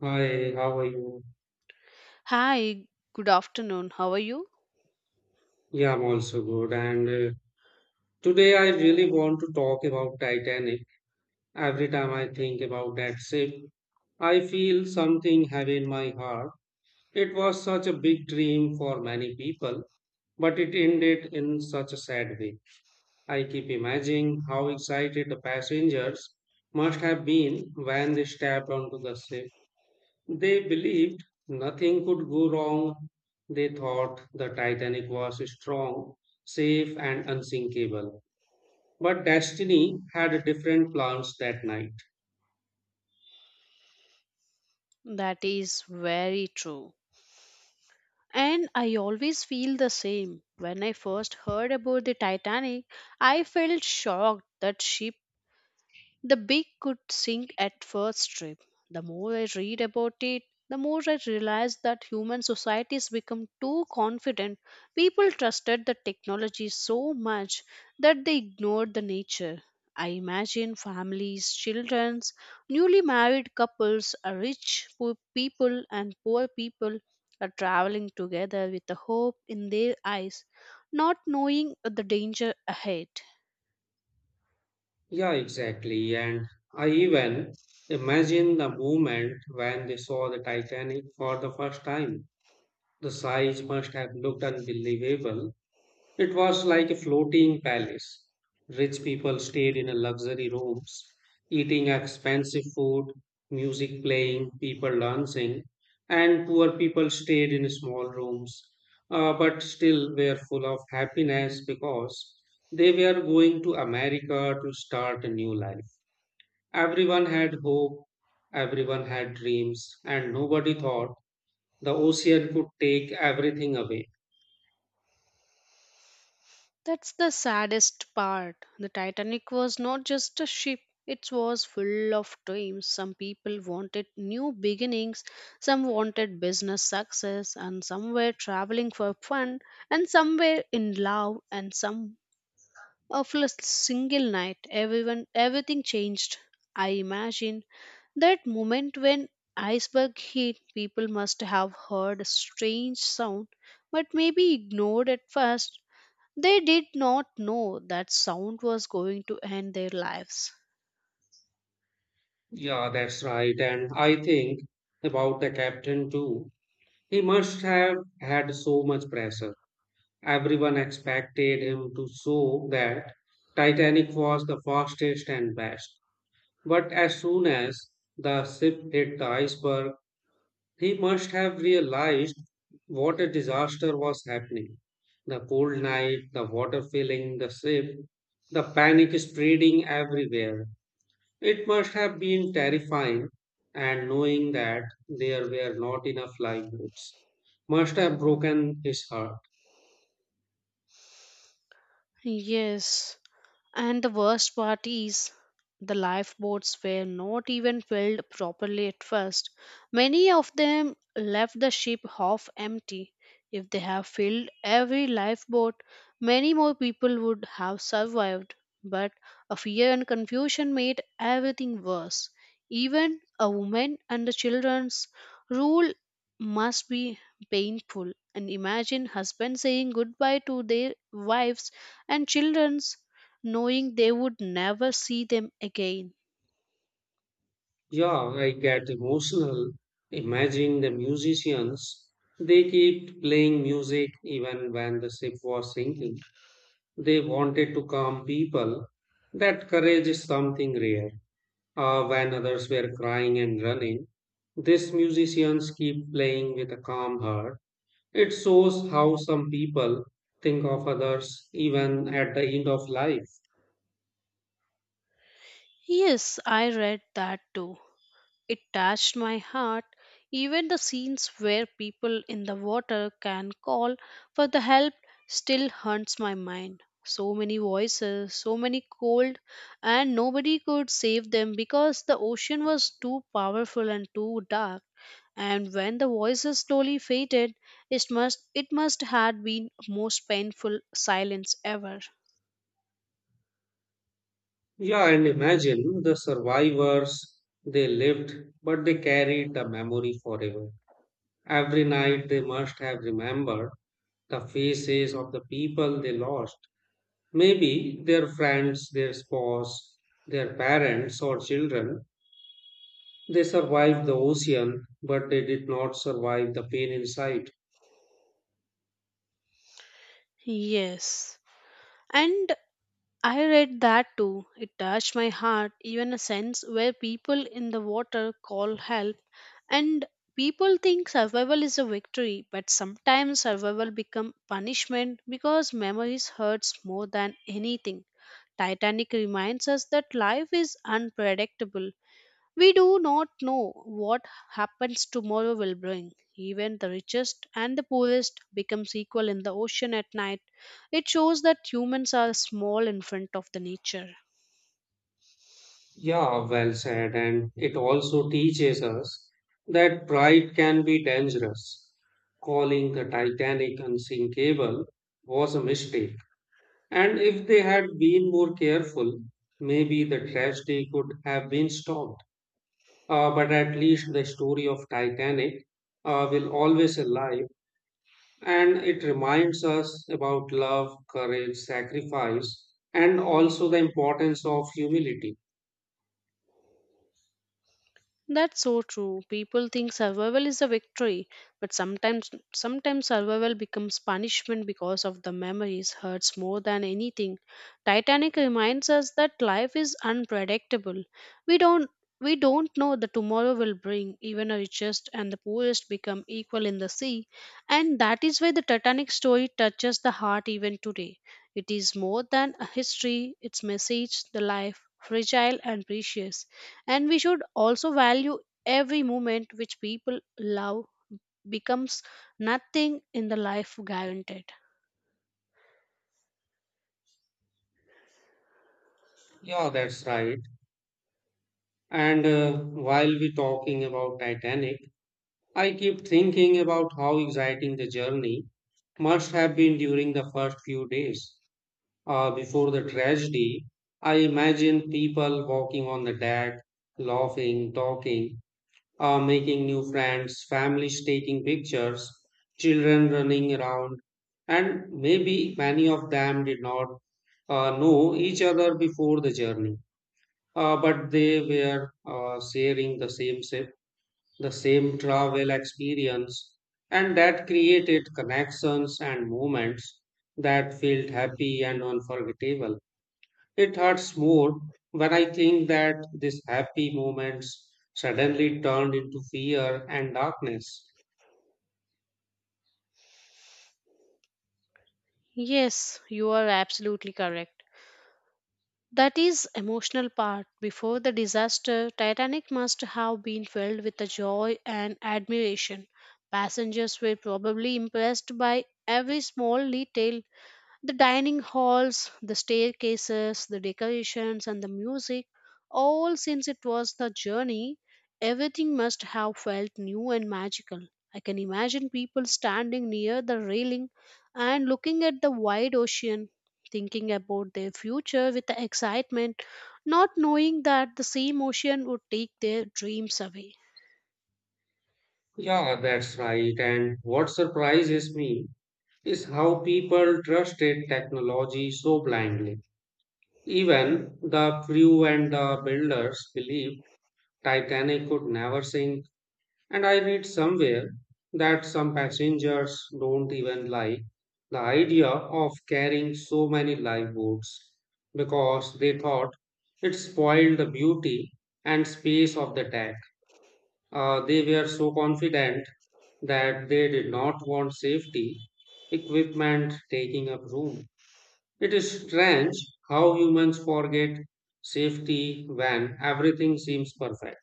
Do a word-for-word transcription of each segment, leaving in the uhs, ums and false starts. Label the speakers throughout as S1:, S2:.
S1: Hi, how are you?
S2: Hi, good afternoon. How are you?
S1: Yeah, I'm also good. And uh, Today I really want to talk about Titanic. Every time I think about that ship, I feel something heavy in my heart. It was such a big dream for many people, but it ended in such a sad way. I keep imagining how excited the passengers must have been when they stepped onto the ship. They believed nothing could go wrong. They thought the Titanic was strong, safe, and unsinkable. But destiny had different plans that night.
S2: That is very true, and I always feel the same. When I first heard about the Titanic, I felt shocked that ship. The big could sink at first trip. The more I read about it, the more I realize that human societies become too confident. People trusted the technology so much that they ignored the nature. I imagine families, children, newly married couples, uh, rich poor people, and poor people are traveling together with the hope in their eyes, not knowing the danger ahead.
S1: Yeah, exactly. And I even imagine the moment when they saw the Titanic for the first time. The size must have looked unbelievable. It was like a floating palace. Rich people stayed in a luxury rooms, eating expensive food, music playing, people dancing, and poor people stayed in small rooms, uh, but still were full of happiness because they were going to America to start a new life. Everyone had hope, everyone had dreams, and nobody thought the ocean could take everything away.
S2: That's the saddest part. The Titanic was not just a ship, it was full of dreams. Some people wanted new beginnings, some wanted business success, and some were traveling for fun, and some were in love, and some of a single night. Everyone, everything changed. I imagine that moment when iceberg hit, people must have heard a strange sound, but maybe ignored at first. They did not know that sound was going to end their lives.
S1: Yeah, that's right. And I think about the captain too. He must have had so much pressure. Everyone expected him to show that Titanic was the fastest and best. But as soon as the ship hit the iceberg, he must have realized what a disaster was happening. The cold night, the water filling the ship, the panic spreading everywhere. It must have been terrifying, and knowing that there were not enough livelihoods must have broken his heart.
S2: Yes. And the worst part is, the lifeboats were not even filled properly at first. Many of them left the ship half empty. If they have filled every lifeboat, many more people would have survived. But a fear and confusion made everything worse. Even a woman and the children's rule must be painful. And imagine husbands saying goodbye to their wives and children's knowing they would never see them again.
S1: Yeah, I get emotional imagining the musicians. They kept playing music even when the ship was sinking. They wanted to calm people. That courage is something rare. Uh, when others were crying and running, these musicians keep playing with a calm heart. It shows how some people think of others even at the end of life.
S2: Yes, I read that too. It touched my heart. Even the scenes where people in the water can call for the help still haunts my mind. So many voices, so many cold, and nobody could save them because the ocean was too powerful and too dark. And when the voices slowly faded, it must it must had been most painful silence ever.
S1: Yeah, and imagine the survivors. They lived, but they carried the memory forever. Every night they must have remembered the faces of the people they lost. Maybe their friends, their spouse, their parents, or children. They survived the ocean, but they did not survive the pain inside.
S2: Yes. And I read that too. It touched my heart, even a sense where people in the water call help. And people think survival is a victory, but sometimes survival become punishment because memories hurts more than anything. Titanic reminds us that life is unpredictable. We do not know what happens tomorrow will bring. Even the richest and the poorest becomes equal in the ocean at night. It shows that humans are small in front of the nature.
S1: Yeah, well said. And it also teaches us that pride can be dangerous. Calling the Titanic unsinkable was a mistake. And if they had been more careful, maybe the tragedy could have been stopped. Uh, but at least the story of Titanic uh, will always alive, and it reminds us about love, courage, sacrifice, and also the importance of humility.
S2: That's so true. People think survival is a victory, but sometimes sometimes survival becomes punishment because of the memories hurts more than anything. Titanic reminds us that life is unpredictable. We don't we don't know the tomorrow will bring. Even the richest and the poorest become equal in the sea, and that is why the Titanic story touches the heart even today. It is more than a history, its message, the life, fragile and precious. And we should also value every moment which people love becomes nothing in the life guaranteed.
S1: Yeah, that's right. And uh, While we talking about Titanic, I keep thinking about how exciting the journey must have been during the first few days uh, before the tragedy. I imagine people walking on the deck, laughing, talking, uh, making new friends, families taking pictures, children running around, and maybe many of them did not uh, know each other before the journey, uh, but they were uh, sharing the same ship, the same travel experience, and that created connections and moments that felt happy and unforgettable. It hurts more when I think that these happy moments suddenly turned into fear and darkness.
S2: Yes, you are absolutely correct. That is emotional part. Before the disaster, Titanic must have been filled with the joy and admiration. Passengers were probably impressed by every small detail. The dining halls, the staircases, the decorations, and the music, all since it was the journey, everything must have felt new and magical. I can imagine people standing near the railing and looking at the wide ocean, thinking about their future with excitement, not knowing that the same ocean would take their dreams away.
S1: Yeah, that's right. And what surprises me is how people trusted technology so blindly. Even the crew and the builders believed Titanic could never sink. And I read somewhere that some passengers don't even like the idea of carrying so many lifeboats because they thought it spoiled the beauty and space of the deck. Uh, they were so confident that they did not want safety equipment taking up room. It is strange how humans forget safety when everything seems perfect.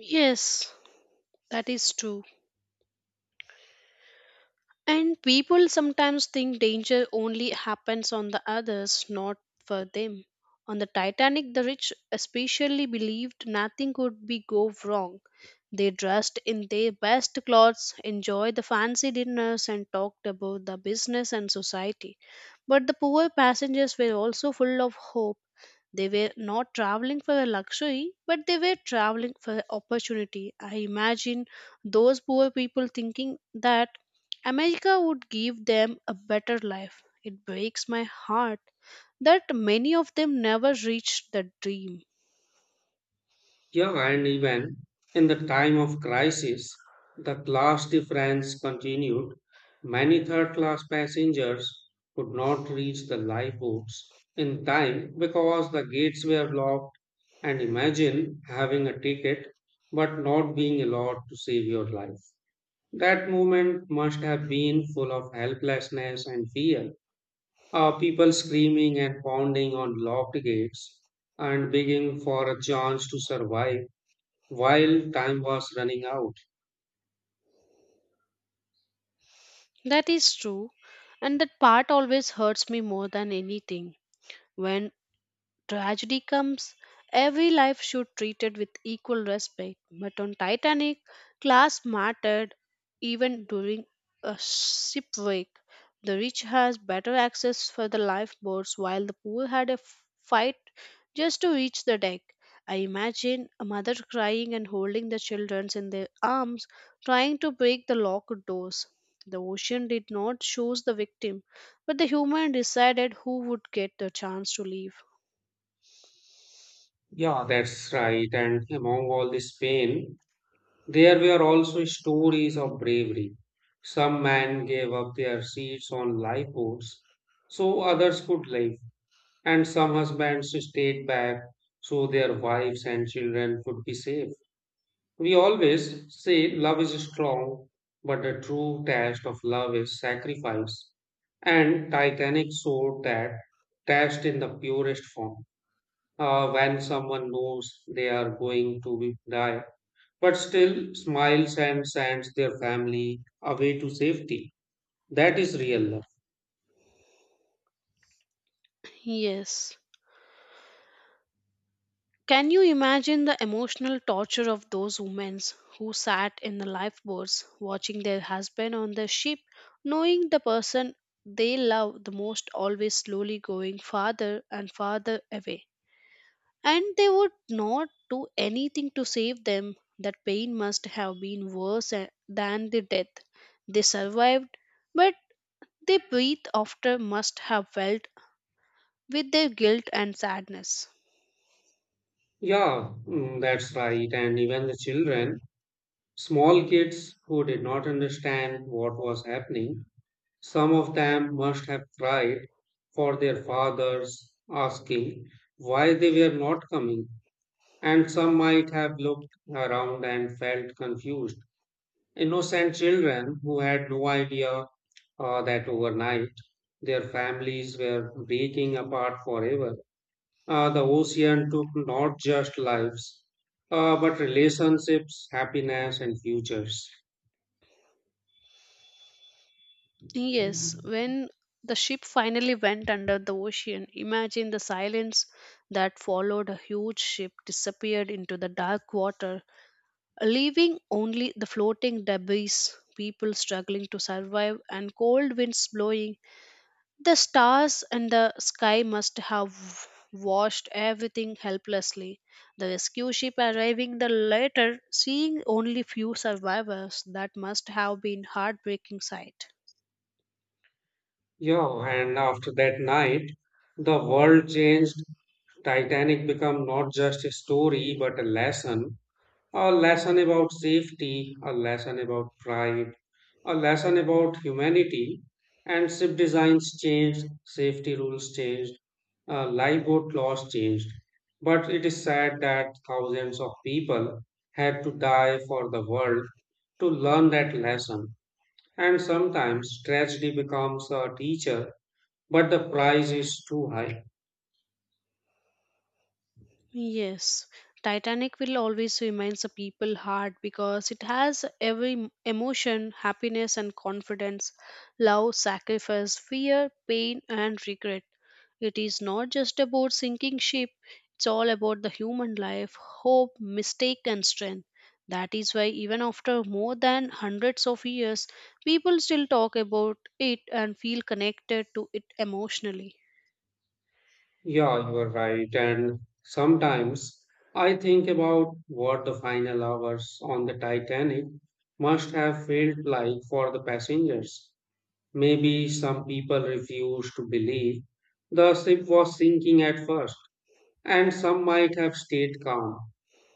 S2: Yes, that is true. And people sometimes think danger only happens on the others, not for them. On the Titanic, the rich especially believed nothing could be go wrong. They dressed in their best clothes, enjoyed the fancy dinners, and talked about the business and society. But the poor passengers were also full of hope. They were not traveling for a luxury, but they were traveling for opportunity. I imagine those poor people thinking that America would give them a better life. It breaks my heart that many of them never reached the dream.
S1: Yeah, and even in the time of crisis, the class difference continued. Many third class passengers could not reach the lifeboats in time because the gates were locked. And imagine having a ticket but not being allowed to save your life. That moment must have been full of helplessness and fear. Uh, people screaming and pounding on locked gates and begging for a chance to survive while time was running out.
S2: That is true, and that part always hurts me more than anything. When tragedy comes, every life should treated with equal respect. But on Titanic, class mattered even during a shipwreck. The rich has better access for the lifeboats while the poor had a f- fight just to reach the deck. I imagine a mother crying and holding the children in their arms, trying to break the locked doors. The ocean did not choose the victim, but the human decided who would get the chance to leave.
S1: Yeah, that's right. And among all this pain, there were also stories of bravery. Some men gave up their seats on lifeboats so others could live, and some husbands stayed back so their wives and children could be safe. We always say love is strong, but the true test of love is sacrifice. And Titanic showed that test in the purest form. Uh, when someone knows they are going to be- die, but still smiles and sends their family away to safety. That is real love.
S2: Yes. Can you imagine the emotional torture of those women who sat in the lifeboats watching their husband on the ship, knowing the person they love the most always slowly going farther and farther away? And they would not do anything to save them. That pain must have been worse a- than the death. They survived, but they breathe after must have felt with their guilt and sadness.
S1: Yeah, mm, that's right. And even the children, small kids who did not understand what was happening, some of them must have cried for their fathers, asking why they were not coming. And some might have looked around and felt confused. Innocent children who had no idea uh, that overnight their families were breaking apart forever. Uh, the ocean took not just lives, uh, but relationships, happiness, and futures.
S2: Yes, when the ship finally went under the ocean, imagine the silence that followed. A huge ship disappeared into the dark water, leaving only the floating debris, people struggling to survive, and cold winds blowing. The stars and the sky must have watched everything helplessly. The rescue ship arriving the later, seeing only few survivors, that must have been heartbreaking sight.
S1: Yeah, and after that night, the world changed. Titanic became not just a story but a lesson, a lesson about safety, a lesson about pride, a lesson about humanity. And ship designs changed, safety rules changed, uh, lifeboat laws changed. But it is sad that thousands of people had to die for the world to learn that lesson. And sometimes tragedy becomes a teacher, but the price is too high.
S2: Yes, Titanic will always remain a people heart because it has every m- emotion, happiness and confidence, love, sacrifice, fear, pain and regret. It is not just about sinking ship, it's all about the human life, hope, mistake and strength. That is why even after more than hundreds of years, people still talk about it and feel connected to it emotionally.
S1: Yeah, you are right. And sometimes I think about what the final hours on the Titanic must have felt like for the passengers. Maybe some people refused to believe the ship was sinking at first, and some might have stayed calm,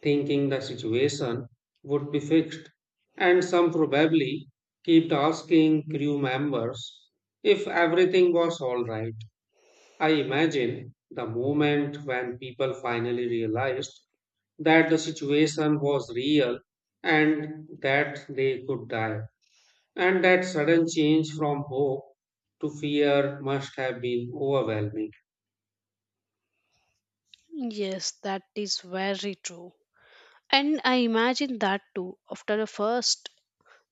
S1: thinking the situation would be fixed. And some probably kept asking crew members if everything was all right. I imagine the moment when people finally realized that the situation was real and that they could die, and that sudden change from hope to fear must have been overwhelming.
S2: Yes, that is very true. And I imagine that too. After the first,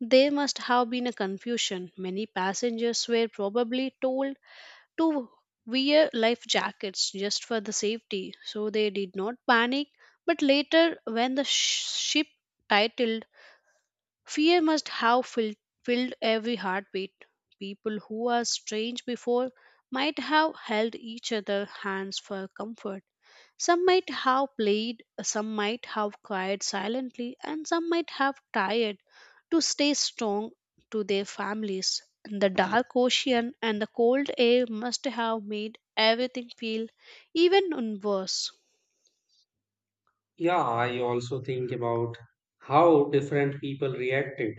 S2: there must have been a confusion. Many passengers were probably told to wear life jackets just for the safety, so they did not panic. But later, when the sh- ship titled, fear must have filled, filled every heartbeat. People who are strange before might have held each other hands for comfort. Some might have played, some might have cried silently, and some might have tried to stay strong to their families. The dark ocean and the cold air must have made everything feel even worse.
S1: Yeah, I also think about how different people reacted.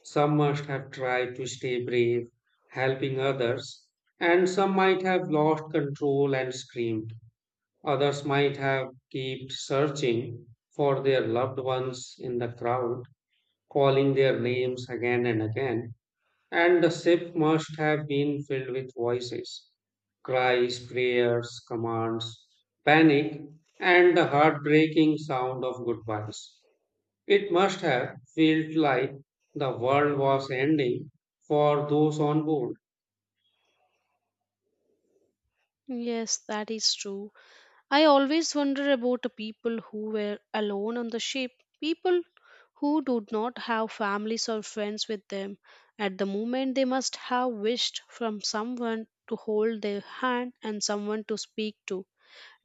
S1: Some must have tried to stay brave, helping others, and some might have lost control and screamed. Others might have kept searching for their loved ones in the crowd, calling their names again and again, and the ship must have been filled with voices, cries, prayers, commands, panic, and the heartbreaking sound of goodbyes. It must have felt like the world was ending for those on board.
S2: Yes, that is true. I always wonder about the people who were alone on the ship, people who do not have families or friends with them. At the moment, they must have wished from someone to hold their hand and someone to speak to.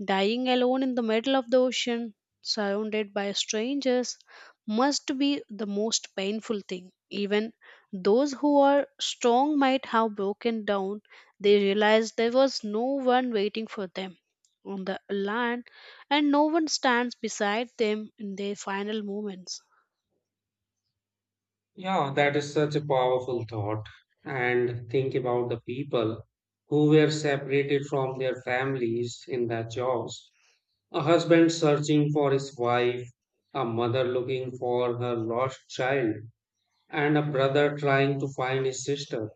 S2: Dying alone in the middle of the ocean, surrounded by strangers, must be the most painful thing. Even those who are strong might have broken down. They realized there was no one waiting for them on the land, and no one stands beside them in their final moments.
S1: Yeah, that is such a powerful thought. And think about the people who were separated from their families in their jobs. A husband searching for his wife, a mother looking for her lost child, and a brother trying to find his sister.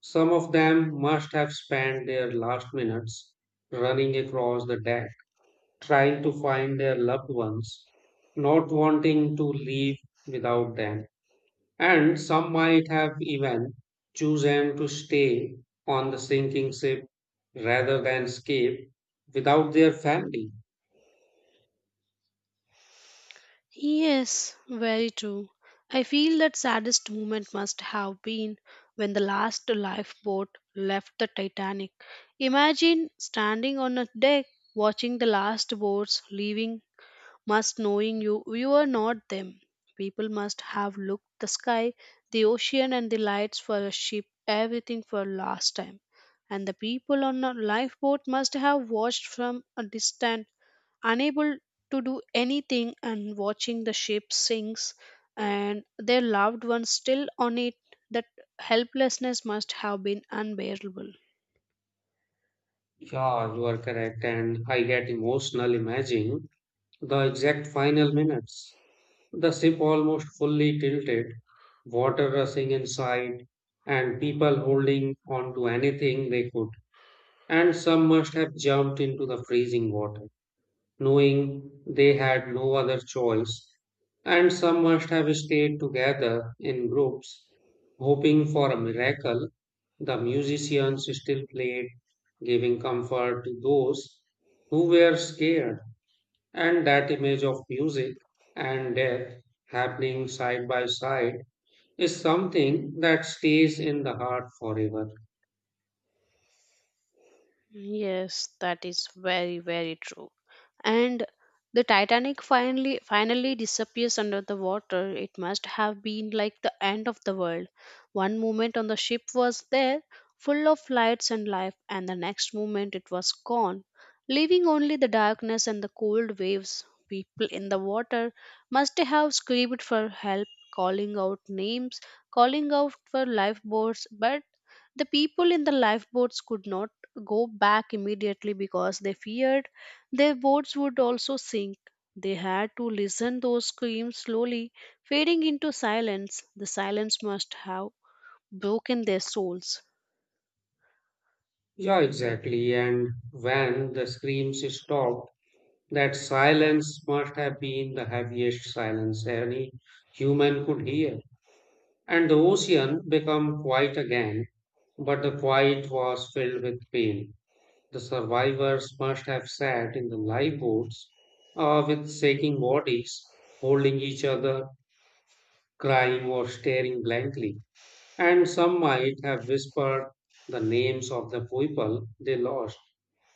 S1: Some of them must have spent their last minutes running across the deck, trying to find their loved ones, not wanting to leave without them. And some might have even chosen to stay on the sinking ship rather than escape without their family.
S2: Yes, very true. I feel that saddest moment must have been when the last lifeboat left the Titanic. Imagine standing on a deck watching the last boats leaving, must knowing you you are not them. People must have looked the sky, the ocean and the lights for a ship, everything for last time. And the people on a lifeboat must have watched from a distance unable to do anything and watching the ship sinks and their loved ones still on it, that helplessness must have been unbearable.
S1: Yeah, you are correct. And I get emotional imagining the exact final minutes. The ship almost fully tilted, water rushing inside, and people holding on to anything they could. And some must have jumped into the freezing water knowing they had no other choice, and some must have stayed together in groups, hoping for a miracle. The musicians still played, giving comfort to those who were scared, and that image of music and death happening side by side is something that stays in the heart forever.
S2: Yes, that is very, very true. And the Titanic finally finally disappears under the water. It must have been like the end of the world. One moment on the ship was there, full of lights and life, and the next moment it was gone, leaving only the darkness and the cold waves. People in the water must have screamed for help, calling out names, calling out for lifeboats, but the people in the lifeboats could not go back immediately because they feared their boats would also sink. They had to listen those screams slowly, fading into silence. The silence must have broken their souls.
S1: Yeah, exactly. And when the screams stopped, that silence must have been the heaviest silence any human could hear. And the ocean became quiet again, but the quiet was filled with pain. The survivors must have sat in the lifeboats uh, with shaking bodies, holding each other, crying or staring blankly. And some might have whispered the names of the people they lost,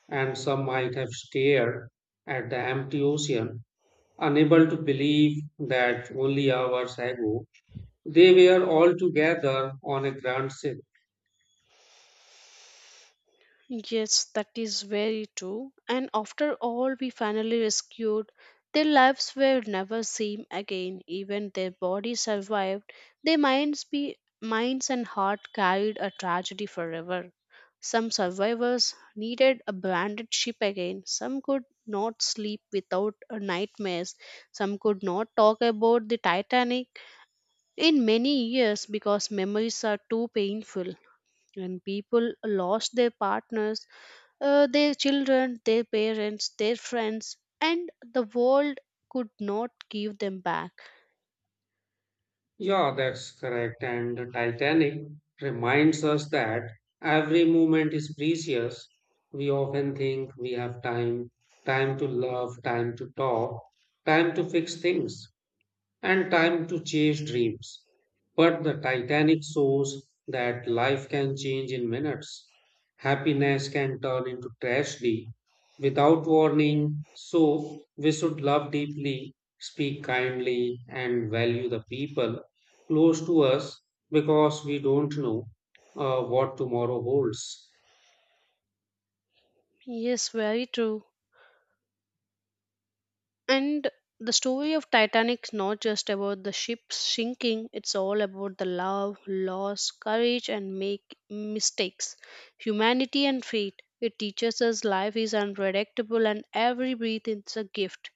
S1: and some might have stared at the empty ocean unable to believe that only hours ago they were all together on a grand ship.
S2: Yes, that is very true. And after all we finally rescued, their lives were never same again. Even their bodies survived, their minds be minds and heart carried a tragedy forever. Some survivors needed a branded ship again. Some could not sleep without a nightmares. Some could not talk about the Titanic in many years because memories are too painful. When people lost their partners uh, their children, their parents, their friends, and the world could not give them back.
S1: Yeah, that's correct. And the Titanic reminds us that every moment is precious. We often think we have time, time to love, time to talk, time to fix things, and time to chase dreams. But the Titanic shows that life can change in minutes. Happiness can turn into tragedy without warning. So we should love deeply, speak kindly, and value the people close to us because we don't know uh, what tomorrow holds.
S2: Yes, very true. And the story of Titanic is not just about the ship sinking, it's all about the love, loss, courage, and make mistakes, humanity, and fate. It teaches us life is unpredictable and every breath is a gift.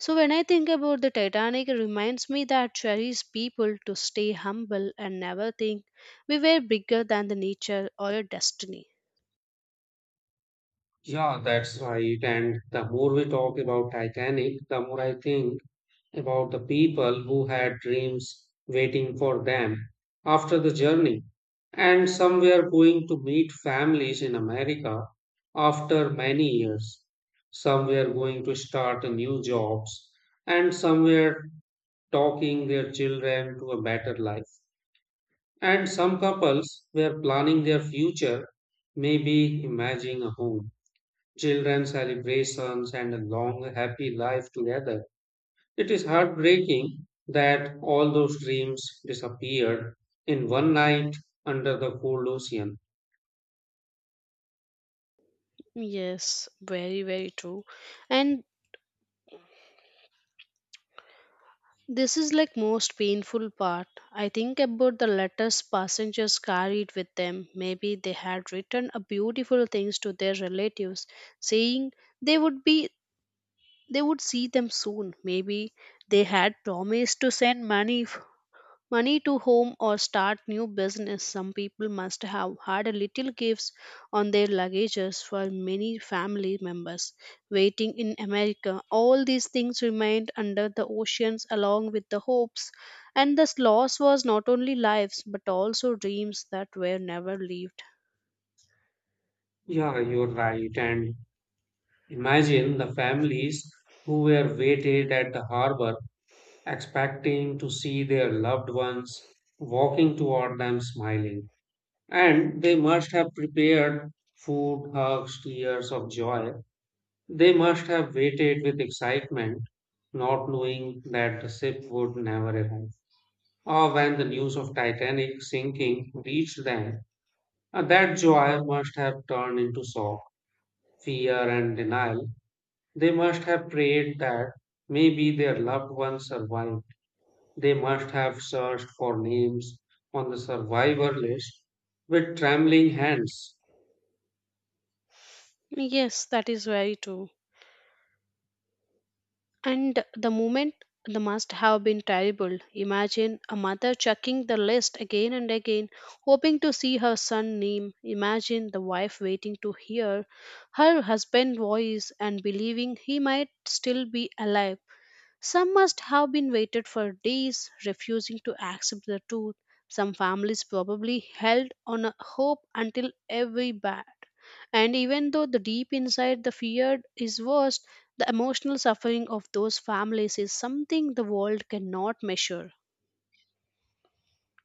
S2: So when I think about the Titanic, it reminds me that cherish people to stay humble and never think we were bigger than the nature or a destiny.
S1: Yeah, that's right. And the more we talk about Titanic, the more I think about the people who had dreams waiting for them after the journey. And some were going to meet families in America after many years. Some were going to start new jobs. And some were talking their children to a better life. And some couples were planning their future, maybe imagining a home, children, celebrations, and a long happy life together. It is heartbreaking that all those dreams disappeared in one night under the cold ocean.
S2: Yes, very, very true. And this is like most painful part. I think about the letters passengers carried with them. Maybe they had written a beautiful things to their relatives, saying they would be they would see them soon. Maybe they had promised to send money money to home or start new business. Some people must have had a little gifts on their luggages for many family members waiting in america. All these things remained under the oceans along with the hopes, and this loss was not only lives but also dreams that were never lived.
S1: Yeah, you're right. And imagine the families who were waited at the harbor expecting to see their loved ones walking toward them smiling. And they must have prepared food, hugs, tears of joy. They must have waited with excitement, not knowing that the ship would never arrive. Or when the news of Titanic sinking reached them, uh, that joy must have turned into shock, fear, and denial. They must have prayed that maybe their loved ones survived. They must have searched for names on the survivor list with trembling hands.
S2: Yes, that is very true. And the moment the must have been terrible. Imagine a mother checking the list again and again, hoping to see her son name. Imagine the wife waiting to hear her husband's voice and believing he might still be alive. Some must have been waited for days, refusing to accept the truth. Some families probably held on a hope until every bad. And even though the deep inside the fear is worst, the emotional suffering of those families is something the world cannot measure.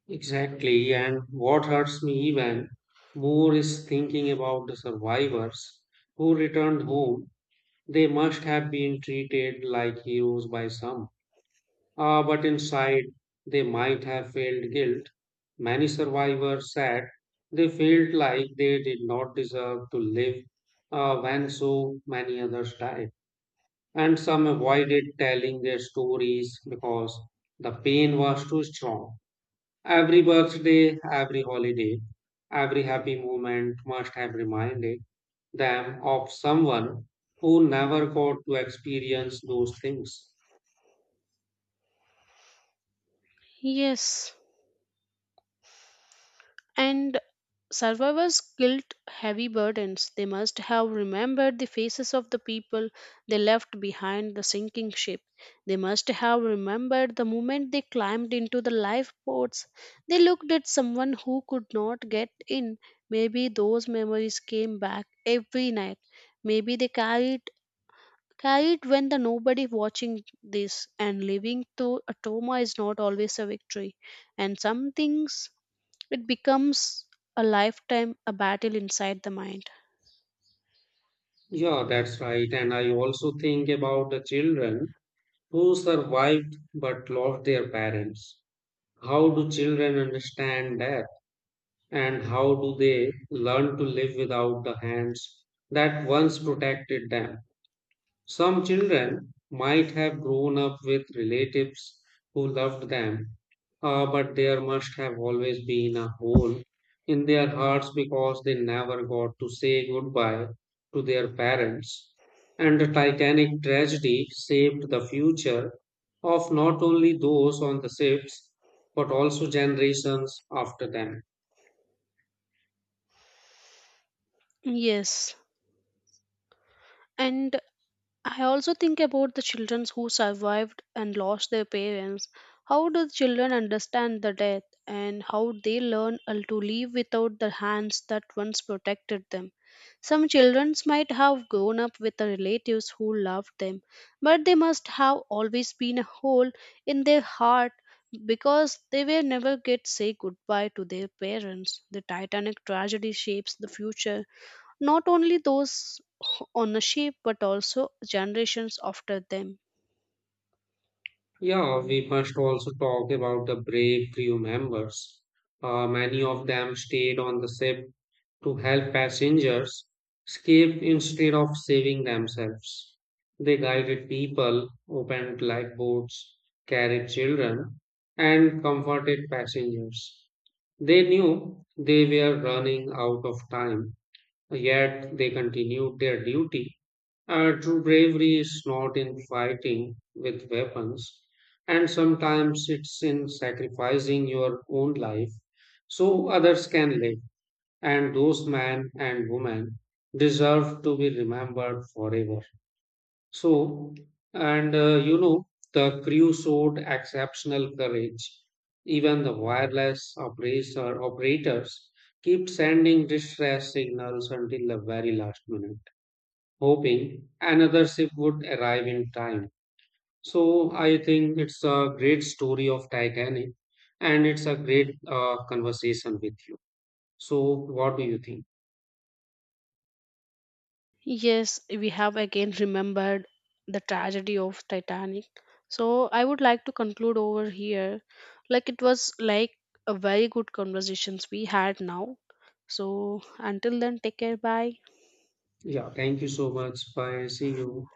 S1: Exactly. And what hurts me even more is thinking about the survivors who returned home. They must have been treated like heroes by some, uh, but inside they might have felt guilt. Many survivors said they felt like they did not deserve to live uh, when so many others died. And some avoided telling their stories because the pain was too strong. Every birthday, every holiday, every happy moment must have reminded them of someone who never got to experience those things.
S2: Yes, and Survivors carried heavy burdens. They must have remembered the faces of the people they left behind the sinking ship. They must have remembered the moment they climbed into the lifeboats. They looked at someone who could not get in. Maybe those memories came back every night. Maybe they carried carried when the nobody watching this and living through a trauma is not always a victory. And some things it becomes a lifetime, a battle inside the mind.
S1: Yeah, that's right. And I also think about the children who survived but lost their parents. How do children understand that? And how do they learn to live without the hands that once protected them? Some children might have grown up with relatives who loved them, uh, but there must have always been a hole in their hearts because they never got to say goodbye to their parents. And the Titanic tragedy shaped the future of not only those on the ships, but also generations after them.
S2: Yes. And I also think about the children who survived and lost their parents. How do the children understand the death and how they learn uh, to live without the hands that once protected them? Some children might have grown up with the relatives who loved them, but they must have always been a hole in their heart because they were never get say goodbye to their parents. The Titanic tragedy shapes the future, not only those on the ship but also generations after them.
S1: Yeah, we must also talk about the brave crew members. Uh, many of them stayed on the ship to help passengers escape instead of saving themselves. They guided people, opened lifeboats, carried children, and comforted passengers. They knew they were running out of time, yet they continued their duty. Uh, true bravery is not in fighting with weapons, and sometimes it's in sacrificing your own life so others can live. And those men and women deserve to be remembered forever. So, and uh, you know, the crew showed exceptional courage. Even the wireless operator, operators kept sending distress signals until the very last minute, hoping another ship would arrive in time. So I think it's a great story of Titanic and it's a great uh, conversation with you. So what do you think?
S2: Yes, we have again remembered the tragedy of Titanic. So I would like to conclude over here. Like it was like a very good conversations we had now. So until then, take care. Bye.
S1: Yeah, thank you so much. Bye. See you.